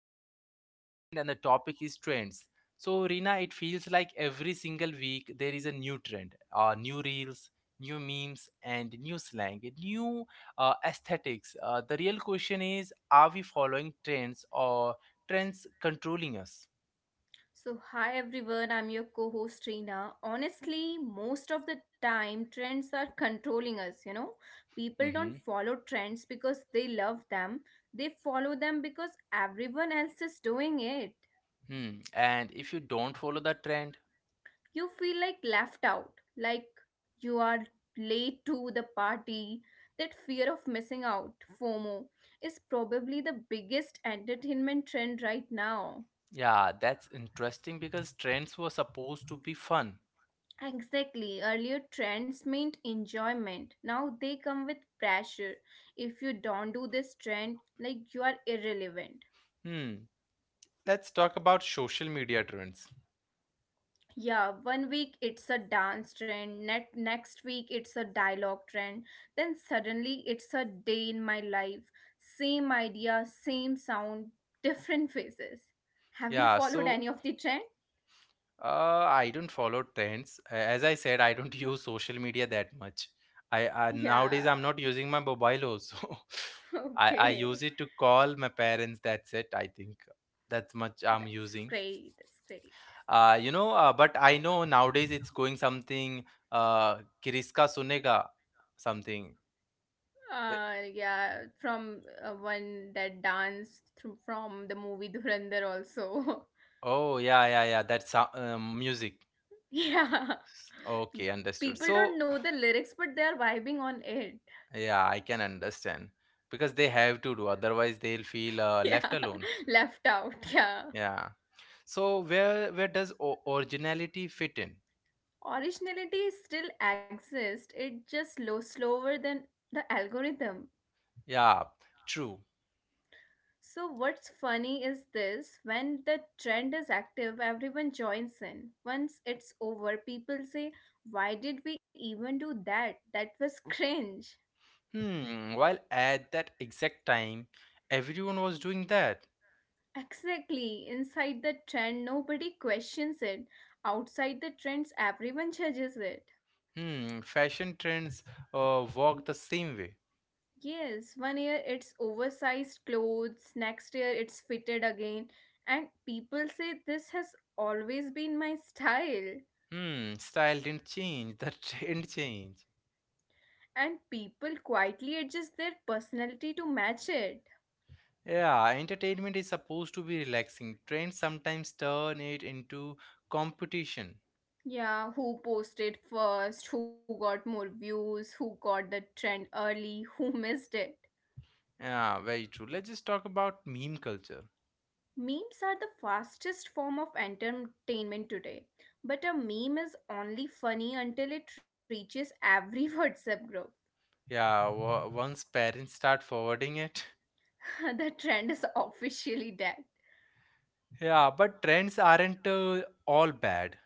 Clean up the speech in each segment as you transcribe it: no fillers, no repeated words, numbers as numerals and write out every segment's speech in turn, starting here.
category is entertainment and the topic is trends. So, Rina, it feels like every single week there is a new trend, new reels, new memes, and new slang, new aesthetics. The real question is, are we following trends, or trends controlling us? So, hi everyone, I'm your co host Reena. Honestly, most of the time, trends are controlling us. People Hmm. don't follow trends because they love them, they follow them because everyone else is doing it. Hmm. And if you don't follow the trend. You feel like left out, like you are late to the party. That fear of missing out, FOMO, is probably the biggest entertainment trend right now. Yeah, that's interesting because trends were supposed to be fun. Exactly. Earlier trends meant enjoyment. Now they come with pressure. If you don't do this trend, like you are irrelevant. Hmm, let's talk about social media trends. Yeah, one week it's a dance trend, next week it's a dialogue trend, then suddenly it's a day in my life. Same idea, same sound, different faces. Have you Yeah, followed so any of the trend? I don't follow trends. As I said, I don't use social media that much. I Nowadays Yeah. I'm not using my mobile also. I Okay. use it to call my parents. That's it. I think that's much I'm That's using. great. That's great. But I know nowadays it's going something, Kiriska Sunega something. Yeah, from one that danced through, from the movie Dhurandhar also. Oh, yeah, yeah, yeah. That's music. Yeah, Okay, understood. people don't So, know the lyrics, but they are vibing on it. yeah, I can understand because they have to do, otherwise they'll feel left Yeah, alone. left out. Yeah, Yeah. So, where does originality fit in? originality still exists. It just slower than the algorithm. Yeah, true. So what's funny is this: when the trend is active, everyone joins in. Once it's over, people say, "Why did we even do that? That was cringe." Hmm. While at that exact time, everyone was doing that. Exactly. Inside the trend, nobody questions it. Outside the trends, everyone judges it. Hmm. Fashion trends walked the same way. Yes, one year it's oversized clothes, next year it's fitted again, and people say this has always been my style. Hmm. Style didn't change. The trend changed. And people quietly adjust their personality to match it. Yeah, entertainment is supposed to be relaxing. Trends sometimes turn it into competition. Yeah, who posted first, who got more views, who got the trend early, who missed it. Yeah, very true. Let's just talk about meme culture. Memes are the fastest form of entertainment today, but a meme is only funny until it reaches every WhatsApp group. Yeah, once parents start forwarding it. The trend is officially dead. Yeah, but trends aren't all bad.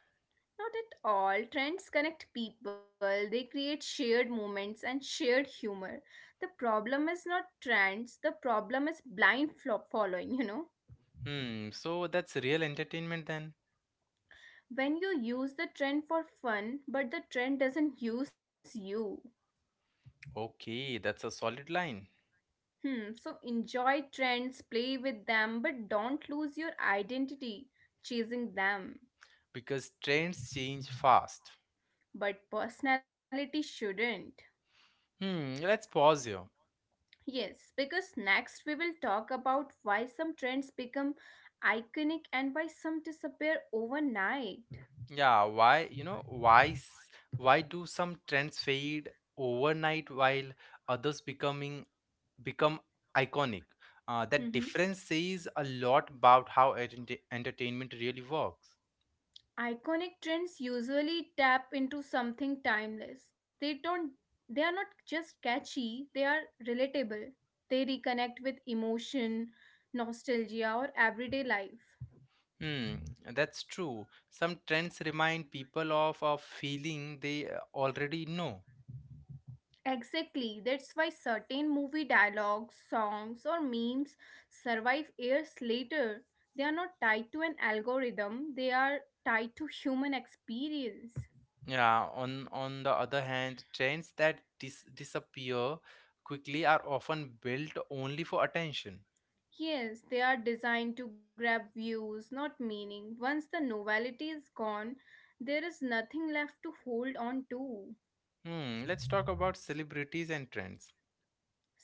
Not at all. Trends connect people, they create shared moments and shared humor. The problem is not trends, the problem is blind flop following? Hmm, so that's real entertainment then? When you use the trend for fun, but the trend doesn't use you. Okay, that's a solid line. Hmm, so enjoy trends, play with them, but don't lose your identity chasing them. Because trends change fast. But personality shouldn't. Hmm, let's pause here. Yes, because next we will talk about why some trends become iconic and why some disappear overnight. Yeah, why, you know, why s- why do some trends fade overnight while others becoming become iconic? That Mhm. difference says a lot about how entertainment really works. Iconic trends usually tap into something timeless. They are not just catchy, they are relatable. They reconnect with emotion, nostalgia or everyday life. Hmm, that's true. Some trends remind people of a feeling they already know. Exactly, that's why certain movie dialogues, songs, or memes survive years later. They are not tied to an algorithm, they are tied to human experience. Yeah, on the other hand, trends that disappear quickly are often built only for attention. Yes, they are designed to grab views, not meaning. Once the novelty is gone, there is nothing left to hold on to. Hmm, let's talk about celebrities and trends.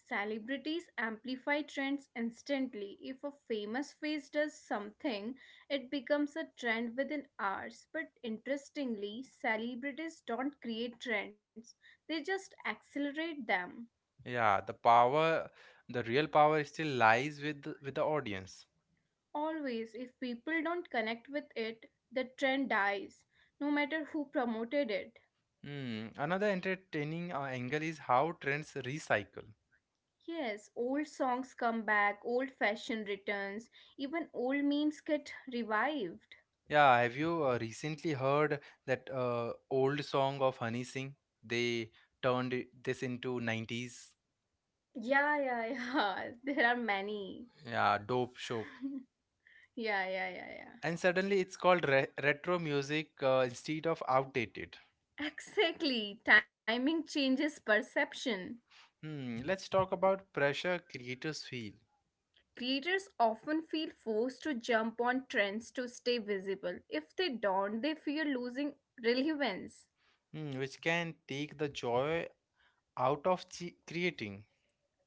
Celebrities amplify trends instantly. If a famous face does something, it becomes a trend within hours. But interestingly, celebrities don't create trends, they just accelerate them. Yeah, the real power still lies with with the audience. Always, if people don't connect with it, the trend dies, no matter who promoted it. Hmm, another entertaining angle is how trends recycle. Yes, old songs come back, old fashion returns, even old memes get revived. Yeah, have you recently heard that old song of Honey Singh? They turned this into 90s, Yeah, yeah, yeah, there are many. yeah, dope show. Yeah, yeah, yeah, And suddenly it's called re retro music, instead of outdated. yeah. Exactly. Timing changes perception. Hmm, let's talk about pressure creators feel. Creators often feel forced to jump on trends to stay visible. If they don't, they fear losing relevance. Which can take the joy out of creating.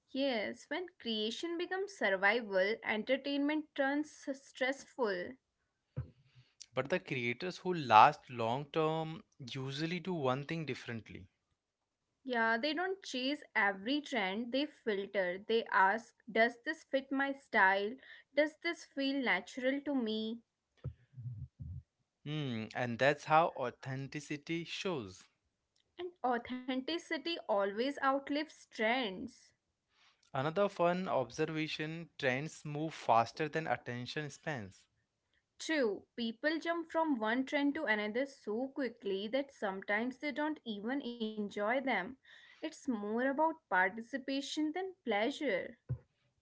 Yes, when creation becomes survival, entertainment turns stressful. But the creators who last long term usually do one thing differently. Yeah, they don't chase every trend, they filter. They ask, does this fit my style? Does this feel natural to me? Hmm, and that's how authenticity shows. And authenticity always outlives trends. Another fun observation: trends move faster than attention spans. True, people jump from one trend to another so quickly that sometimes they don't even enjoy them. It's more about participation than pleasure.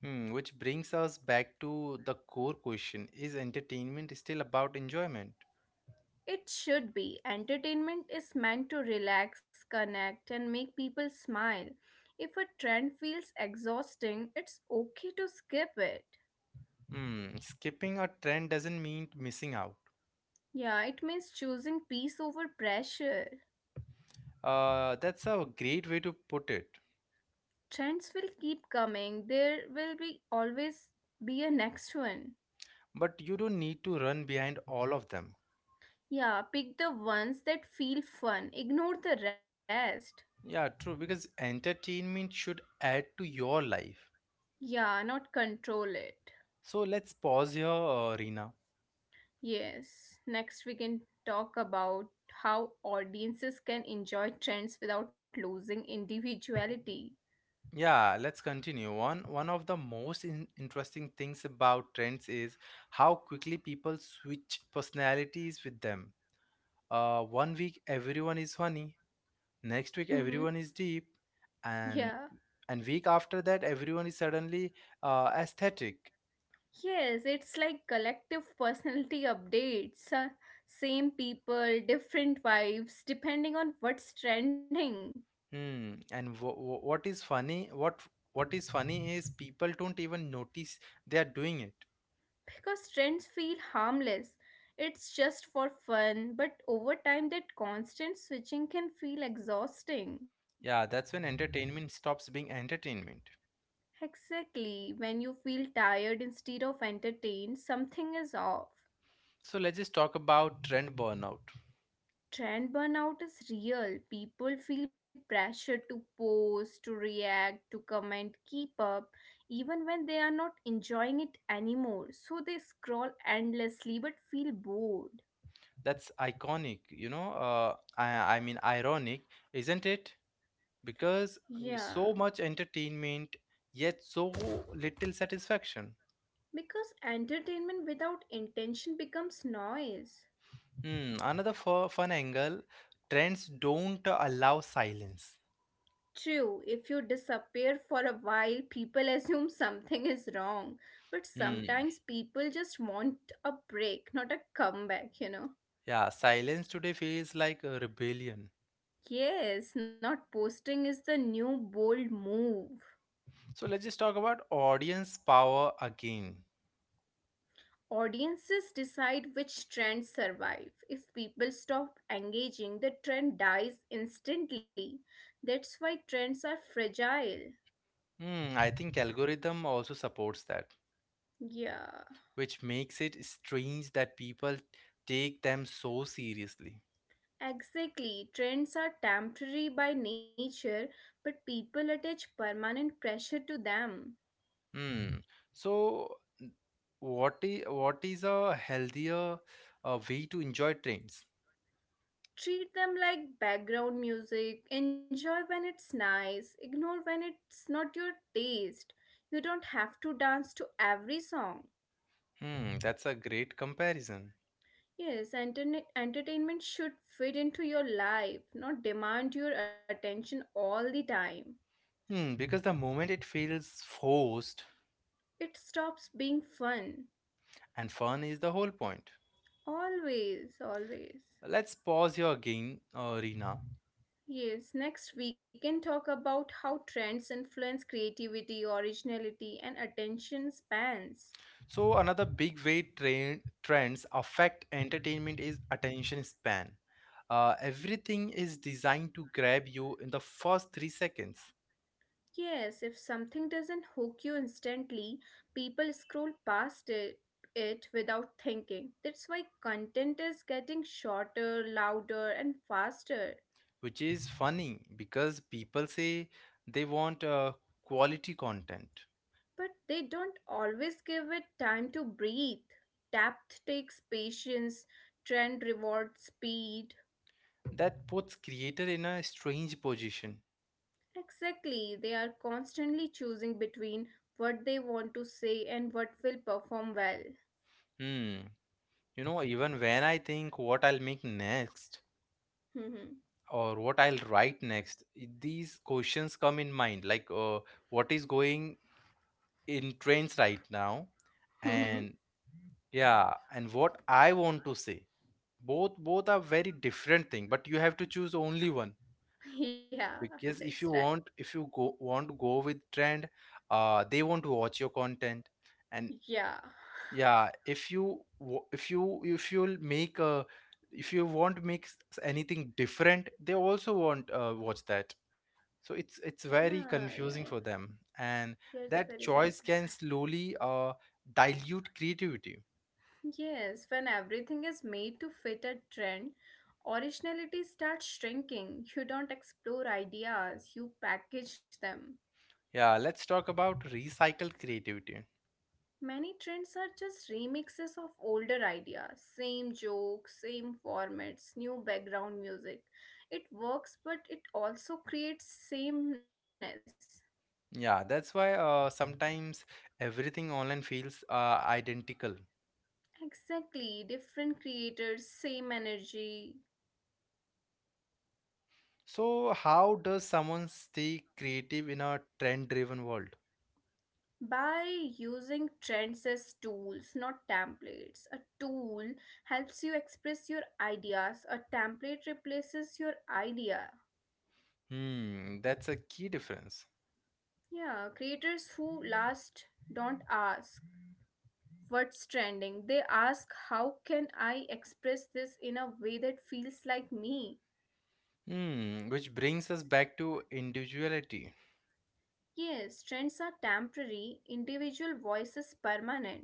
Hmm, which brings us back to the core question: is entertainment still about enjoyment? It should be. Entertainment is meant to relax, connect, and make people smile. If a trend feels exhausting, it's okay to skip it. Hmm, skipping a trend doesn't mean missing out. Yeah, it means choosing peace over pressure. That's a great way to put it. Trends will keep coming. There will be a next one. But you don't need to run behind all of them. Yeah, pick the ones that feel fun. Ignore the rest. Yeah, true, because entertainment should add to your life. Yeah, not control it. So let's pause here, Reena. Yes, next we can talk about how audiences can enjoy trends without losing individuality. Yeah, let's continue. One of the most interesting things about trends is how quickly people switch personalities with them. One week everyone is funny, next week Mm-hmm. everyone is deep, Yeah. and and week after that everyone is suddenly aesthetic. Yes, it's like collective personality updates. Same people, different vibes, depending on what's trending. Hmm. And what is funny? What is funny is people don't even notice they are doing it. Because trends feel harmless. It's just for fun, but over time, that constant switching can feel exhausting. Yeah, that's when entertainment stops being entertainment. Exactly, when you feel tired instead of entertained, something is off. So let's just talk about trend burnout. Trend burnout is real. People feel pressure to post, to react, to comment, keep up, even when they are not enjoying it anymore. So they scroll endlessly but feel bored. That's iconic. I mean ironic, isn't it? Because Yeah. so much entertainment, yet so little satisfaction. Because entertainment without intention becomes noise. Hmm. Another fun angle: trends don't allow silence. True, if you disappear for a while, people assume something is wrong. But Hmm. sometimes people just want a break, not a comeback. Yeah, silence today feels like a rebellion. Yes, not posting is the new bold move. So let's just talk about audience power again. Audiences decide which trends survive. If people stop engaging, the trend dies instantly. That's why trends are fragile. Hmm, I think algorithm also supports that, Yeah. which makes it strange that people take them so seriously. Exactly. Trends are temporary by nature, but people attach permanent pressure to them. Hmm. So n- what is a healthier way to enjoy trends? Treat them like background music, enjoy when it's nice, ignore when it's not your taste. You don't have to dance to every song. Hmm, that's a great comparison. Yes, internet entertainment should fit into your life, not demand your attention all the time. Hmm, because the moment it feels forced, It stops being fun. and fun is the whole point. Always, always. Let's pause here again, Reena. Yes, next we can talk about how trends influence creativity, originality, and attention spans. So another big way trends affect entertainment is attention span. Everything is designed to grab you in the first 3 seconds, Yes, if something doesn't hook you instantly, people scroll past it without thinking. That's why content is getting shorter, louder, and faster. which is funny because people say they want quality content. But they don't always give it time to breathe. Depth takes patience, trend rewards speed. That puts creator in a strange position. Exactly, they are constantly choosing between what they want to say and what will perform well. Hmm. Even when I think what I'll make next or what I'll write next, these questions come in mind like, what is going in trains right now, and yeah, and what I want to say, both both are very different thing, but you have to choose only one, Yeah, because that's right. If you go want to go with trend, they want to watch your content, and Yeah, yeah, if you wa- if you if you'll make a if you want to make anything different, they also want, watch that. So it's very yeah, yeah, confusing for them. And yeah, it's that very choice confusing. can slowly dilute creativity. Yes, when everything is made to fit a trend, originality starts shrinking. You don't explore ideas, you package them. Yeah, let's talk about recycled creativity. Many trends are just remixes of older ideas, same jokes, same formats, new background music. It works, but it also creates sameness. Yeah, that's why, sometimes everything online feels identical. Exactly, different creators, same energy. So how does someone stay creative in a trend driven world? By using trends as tools, not templates, a tool helps you express your ideas, a template replaces your idea. Hmm, that's a key difference. Yeah, creators who last don't ask what's trending. They ask how can I express this in a way that feels like me? Hmm, which brings us back to individuality. Yes, trends are temporary, individual voice is permanent.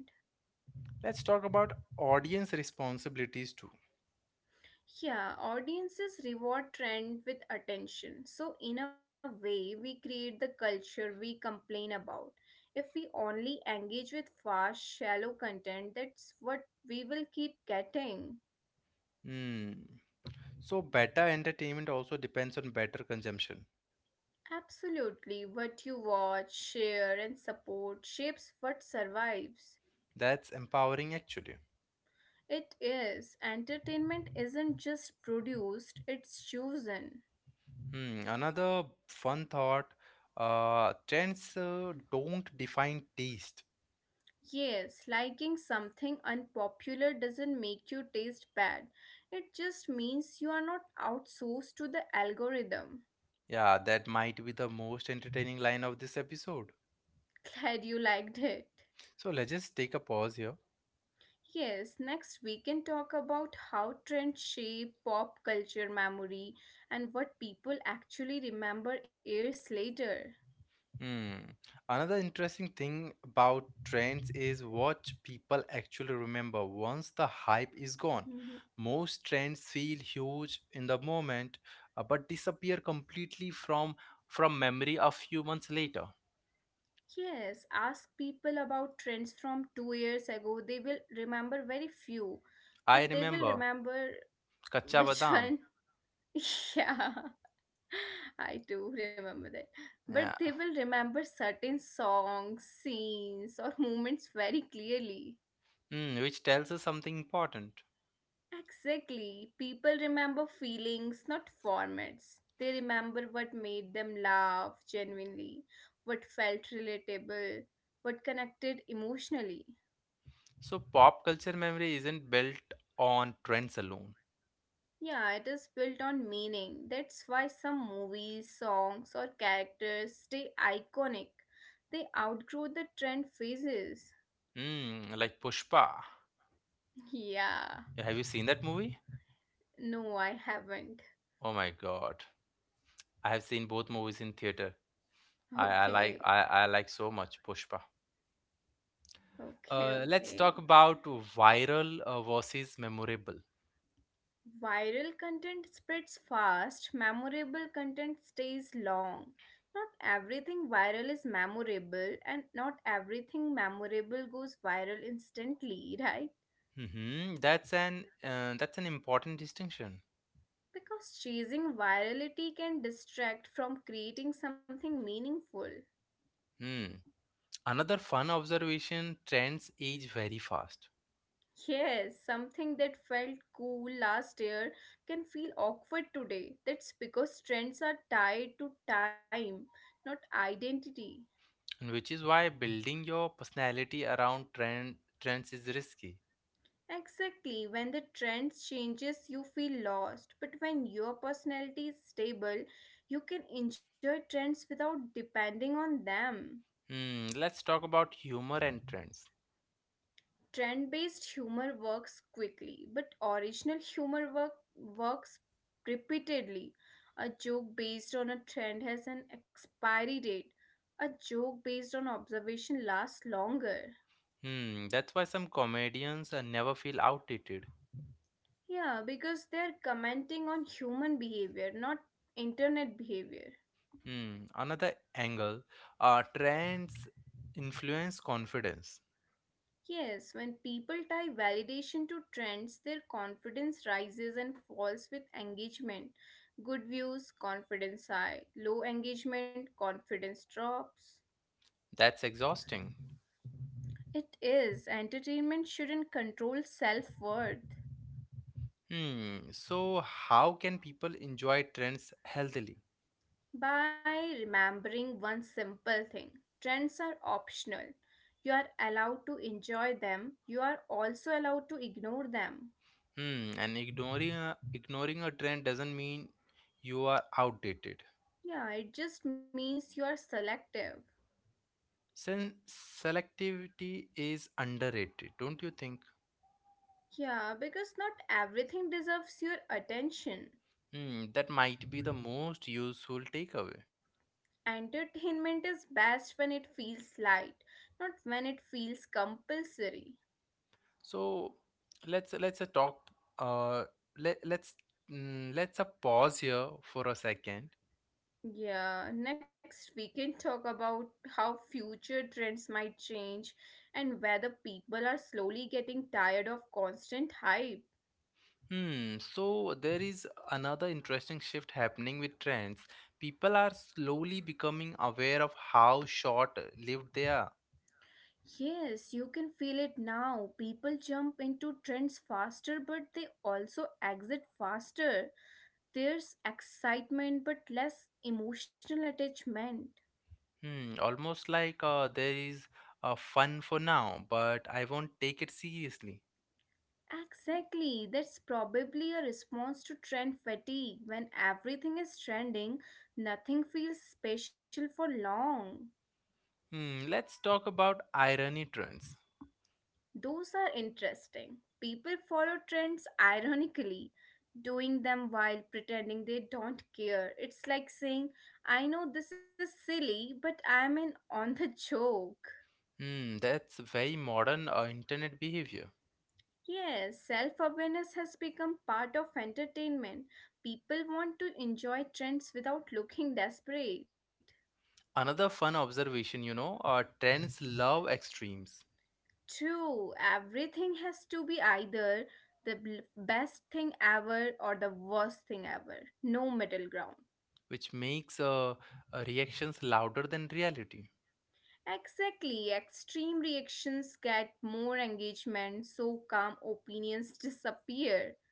Let's talk about audience responsibilities too. Yeah, audiences reward trend with attention. So in a way, we create the culture we complain about. If we only engage with fast, shallow content, that's what we will keep getting. Hmm. So better entertainment also depends on better consumption. Absolutely, what you watch, share, and support shapes what survives. That's empowering actually. It is. Entertainment isn't just produced, it's chosen. Hmm, another fun thought, trends don't define taste. Yes, liking something unpopular doesn't make you taste bad. It just means you are not outsourced to the algorithm. Yeah, that might be the most entertaining line of this episode. Glad you liked it. So let's just take a pause here. Yes, next we can talk about how trends shape pop culture memory and what people actually remember years later. Hmm. Another interesting thing about trends is what people actually remember once the hype is gone. Mm-hmm. Most trends feel huge in the moment, but disappear completely from memory a few months later. Yes, ask people about trends from two years ago. They will remember very few, but I they will remember remember Kacha which Badam, one. Yeah, I do remember that. yeah. But they will remember certain songs, scenes, or moments very clearly. Hmm, which tells us something important. Exactly. People remember feelings, not formats. They remember what made them laugh genuinely, what felt relatable, what connected emotionally. So pop culture memory isn't built on trends alone. Yeah, it is built on meaning. That's why some movies, songs, or characters stay iconic. They outgrow the trend phases. Hmm, like Pushpa. Yeah. Yeah, have you seen that movie? No, I haven't. Oh my God. I have seen both movies in theater. I, I Okay. like I, I like so much Pushpa. Okay, Let's talk okay. about viral versus memorable. Viral content spreads fast, memorable content stays long. Not everything viral is memorable, and not everything memorable goes viral instantly, right. Hmm. That's an important distinction. Because chasing virality can distract from creating something meaningful. Hmm. Another fun observation: trends age very fast, Yes, something that felt cool last year can feel awkward today. That's because trends are tied to time, not identity. and which is why building your personality around trends is risky. Exactly, when the trend changes, you feel lost. But when your personality is stable, you can enjoy trends without depending on them. Hmm. Let's talk about humor and trends. Trend based humor works quickly, but original works repeatedly. A joke based on a trend has an expiry date. A joke based on observation lasts longer. Hmm. That's why some comedians never feel outdated. Yeah, because they're commenting on human behavior, not internet behavior. Hmm, another angle, trends influence confidence. Yes, when people tie validation to trends, their confidence rises and falls with engagement. Good views, confidence high. Low engagement, confidence drops. That's exhausting. It is. Entertainment shouldn't control self worth. Hmm, so how can people enjoy trends healthily? By remembering one simple thing, trends are optional. You are allowed to enjoy them, you are also allowed to ignore them. Hmm, and ignoring a trend doesn't mean you are outdated. Yeah, it just means you are selective. Since selectivity is underrated, don't you think? Yeah, because not everything deserves your attention. Hmm, that might be the most useful takeaway. Entertainment is best when it feels light, not when it feels compulsory. So let's talk. Uh, let let's mm, let's pause here for a second. Yeah, next we can talk about how future trends might change and whether people are slowly getting tired of constant hype. Hmm. So there is another interesting shift happening with trends. People are slowly becoming aware of how short-lived they are. Yes, you can feel it now. People jump into trends faster, but they also exit faster. There's excitement but less emotional attachment. Hmm. Almost like, there is, fun for now, but I won't take it seriously. Exactly, that's probably a response to trend fatigue. When everything is trending, nothing feels special for long. Hmm. Let's talk about irony trends. Those are interesting. People follow trends ironically, doing them while pretending they don't care. It's like saying, I know this is silly, but I'm in on the joke. Hmm. That's very modern internet behavior. Yes, self awareness has become part of entertainment. People want to enjoy trends without looking desperate. Another fun observation, trends love extremes. True, everything has to be either the best thing ever or the worst thing ever. No middle ground. Which makes reactions louder than reality. Exactly, extreme reactions get more engagement, so calm opinions disappear.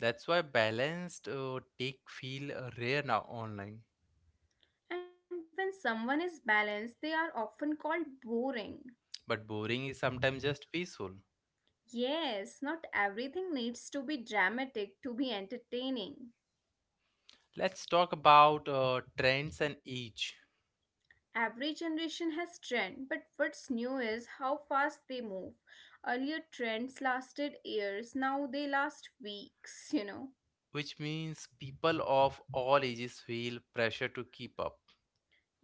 That's why balanced take feel rare now online. And when someone is balanced, they are often called boring. But boring is sometimes just peaceful. Yes, not everything needs to be dramatic to be entertaining. Let's talk about trends and age. Every generation has trend, but what's new is how fast they move. Earlier trends lasted years, now they last weeks, Which means people of all ages feel pressure to keep up.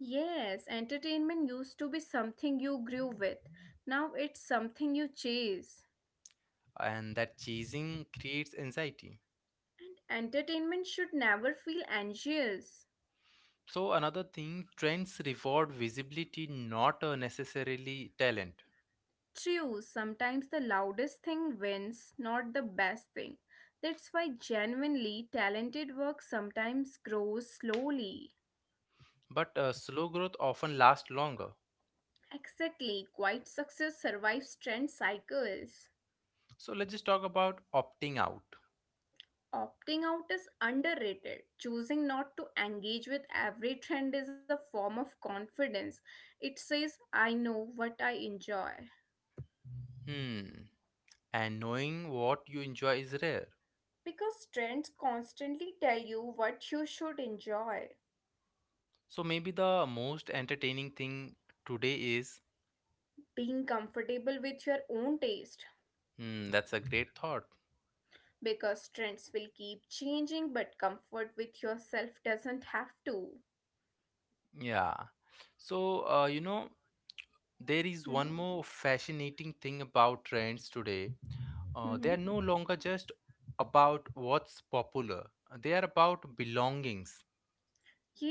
Yes, entertainment used to be something you grew with. Now it's something you chase. And that chasing creates anxiety. Entertainment should never feel anxious. So another thing, trends reward visibility, not necessarily talent. True, sometimes the loudest thing wins, not the best thing. That's why genuinely talented work sometimes grows slowly. But slow growth often lasts longer. Exactly, quiet success survives trend cycles. So let's just talk about opting out. Opting out is underrated. Choosing not to engage with every trend is a form of confidence. It says, I know what I enjoy. Hmm. And knowing what you enjoy is rare. Because trends constantly tell you what you should enjoy. So maybe the most entertaining thing today is. Being comfortable with your own taste. Hmm, that's a great thought. Because trends will keep changing, but comfort with yourself doesn't have to. Yeah. So, there is one Mhm. more fascinating thing about trends today. They are Mhm. no longer just about what's popular, they are about belongings.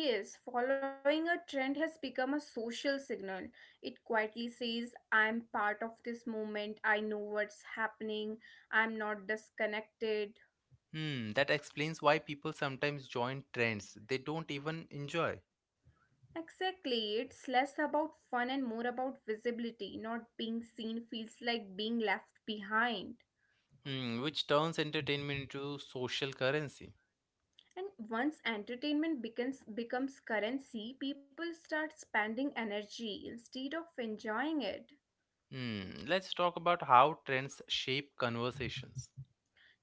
Yes, following a trend has become a social signal. It quietly says, I'm part of this movement, I know what's happening, I'm not disconnected. Hmm, that explains why people sometimes join trends they don't even enjoy. Exactly, it's less about fun and more about visibility. Not being seen feels like being left behind. Hmm, which turns entertainment into social currency. And once entertainment becomes currency, people start spending energy instead of enjoying it. Hmm, let's talk about how trends shape conversations.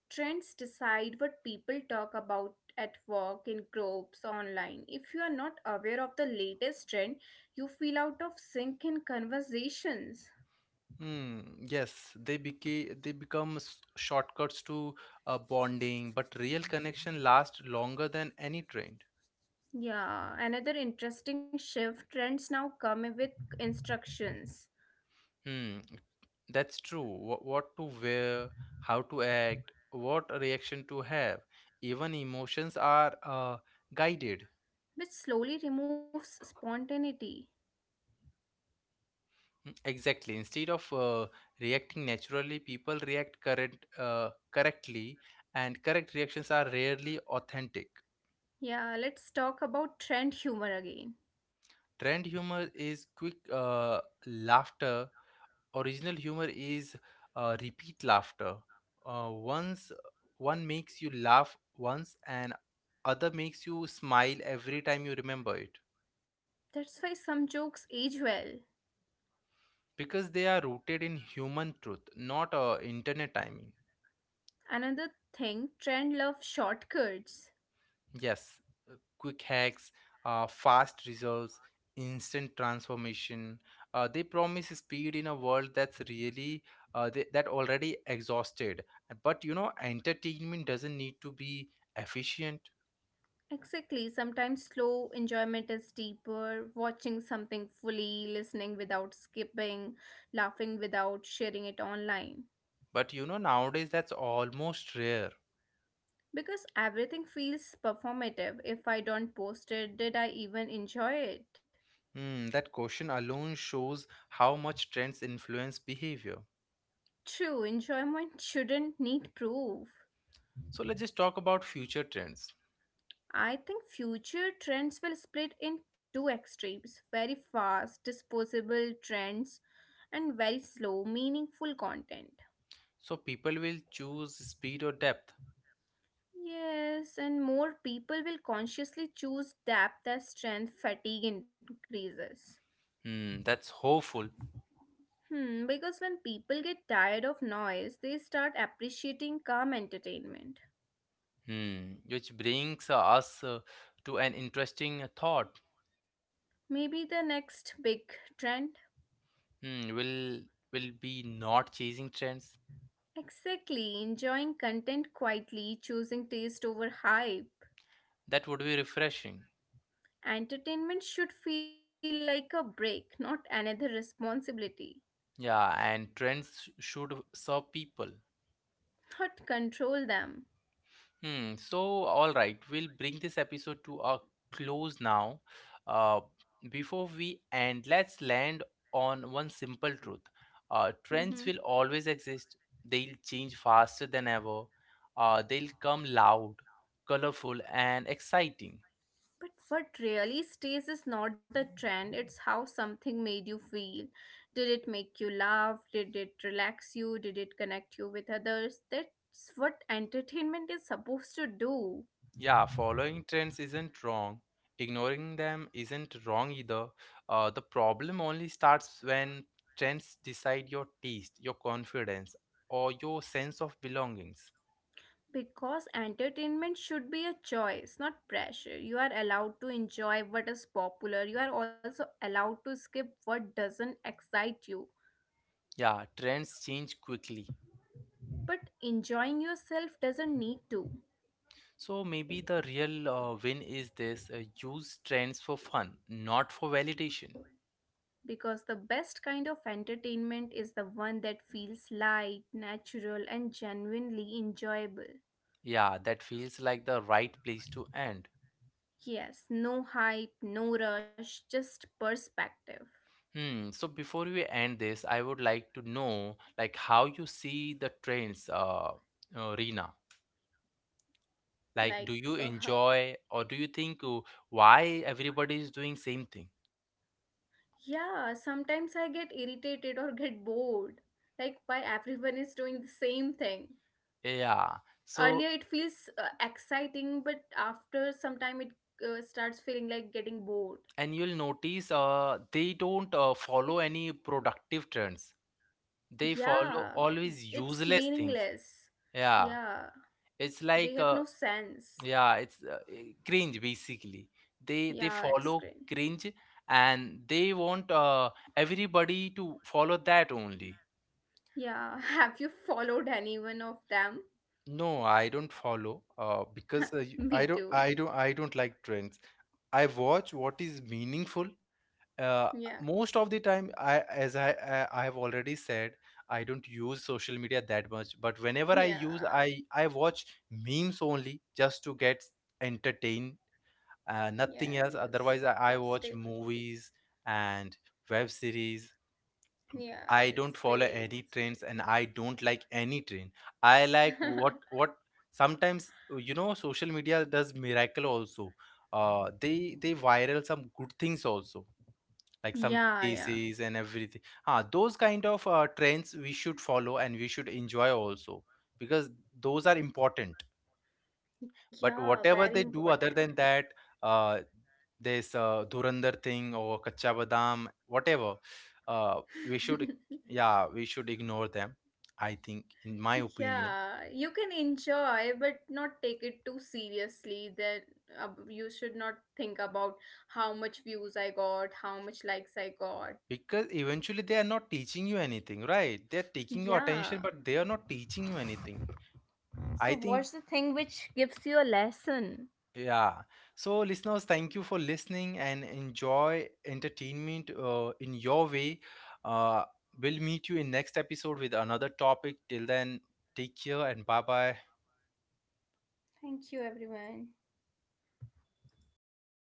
Trends decide what people talk about at work, in groups, online. If you are not aware of the latest trend, you feel out of sync in conversations. Hmm, yes, they became they become shortcuts to bonding, but real connection lasts longer than any trend. Yeah, another interesting shift trends now come with instructions, Hmm, that's true. What to wear, how to act, what reaction to have, even emotions are guided. which slowly removes spontaneity. Mm. Exactly. Instead of reacting naturally, people react correctly, and correct reactions are rarely authentic. Yeah, let's talk about trend humor again. Trend humor is quick laughter. Original humor is repeat laughter. Once one makes you laugh once, and other makes you smile every time you remember it. That's why some jokes age well. Because they are rooted in human truth, not internet timing. Another thing, trend love shortcuts. Yes, quick hacks, fast results, instant transformation. They promise speed in a world that's really, that already exhausted. But entertainment doesn't need to be efficient. Exactly, sometimes slow enjoyment is deeper, watching something fully, listening without skipping, laughing without sharing it online. But nowadays that's almost rare. Because everything feels performative. If I don't post it, did I even enjoy it? Hmm, that question alone shows how much trends influence behavior. True, enjoyment shouldn't need proof. So let's just talk about future trends. I think future trends will split in two extremes very fast, disposable trends, and very slow, meaningful content. So people will choose speed or depth. Yes, and more people will consciously choose depth as strength fatigue increases. Hmm, that's hopeful. Hmm, because when people get tired of noise, they start appreciating calm entertainment. Hmm, which brings us, to an interesting thought. Maybe the next big trend? Hmm, will be not chasing trends. Exactly, enjoying content quietly, choosing taste over hype. That would be refreshing. Entertainment should feel like a break, not another responsibility, Yeah, and trends should serve people. not control them. Hmm. So, all right, we'll bring this episode to a close now. Uh, Before we end, let's land on one simple truth. Trends will Mhm. always exist. They'll change faster than ever. They'll come loud, colorful, and exciting. But what really stays is not the trend, it's how something made you feel. Did it make you laugh? Did it relax you? Did it connect you with others? That's what entertainment is supposed to do. Yeah, following trends isn't wrong. Ignoring them isn't wrong either. The problem only starts when trends decide your taste, your confidence, or your sense of belongings. Because entertainment should be a choice, not pressure. You are allowed to enjoy what is popular. You are also allowed to skip what doesn't excite you. Yeah, trends change quickly. But enjoying yourself doesn't need to, So maybe the real win is this: use trends for fun, not for validation. because the best kind of entertainment is the one that feels light, natural, and genuinely enjoyable. Yeah, that feels like the right place to end. Yes, no hype, no rush, just perspective. Hmm. So before we end this, I would like to know, like, how you see the trends, Reena. Like, do Like, you enjoy, or do you think, why everybody is doing same thing? yeah, sometimes I get irritated or get bored. Like, why everyone is doing the same thing? Yeah. Earlier So, it feels exciting, but after some time it starts feeling like getting bored. and you'll notice they don't follow any productive trends. They follow Yeah, always it's useless things. meaningless. Yeah. Yeah, It's they like, have no sense. yeah, it's cringe basically. They Yeah, it's follow great. cringe and they want everybody to follow that only. Yeah, have you followed any one of them? No, I don't follow, because, I Me too. Don't like trends. I watch what is meaningful. Uh, Yeah, Most of the time, I as I have already said, I don't use social media that much. But whenever I use, yeah, I watch memes only just to get entertained, nothing yeah, else. Otherwise, just I to watch stay free. movies and web series. Yeah, I that's don't follow great. any That's trends, and I don't like any trend. I like great. what what Sometimes, social media does miracle also. They viral some good things also, like some Yeah, yeah, cases and everything. Those kind of trends we should follow, and we should enjoy also, because those are important. But yeah, very whatever they do important. other than that, uh, this Dhurandhar thing or Kacha Badam, whatever, we should, yeah, we should ignore them. I think, in my opinion, Yeah, you can enjoy, but not take it too seriously. That you should not think about how much views I got, how much likes I got. because eventually they are not teaching you anything, right? They're taking your Yeah. attention, but they are not teaching you anything. So, I think. what's the thing which gives you a lesson? Yeah. So, listeners, thank you for listening and enjoy entertainment in your way. Uh, we'll meet you in next episode with another topic. Till then, take care and bye bye. Thank you, everyone.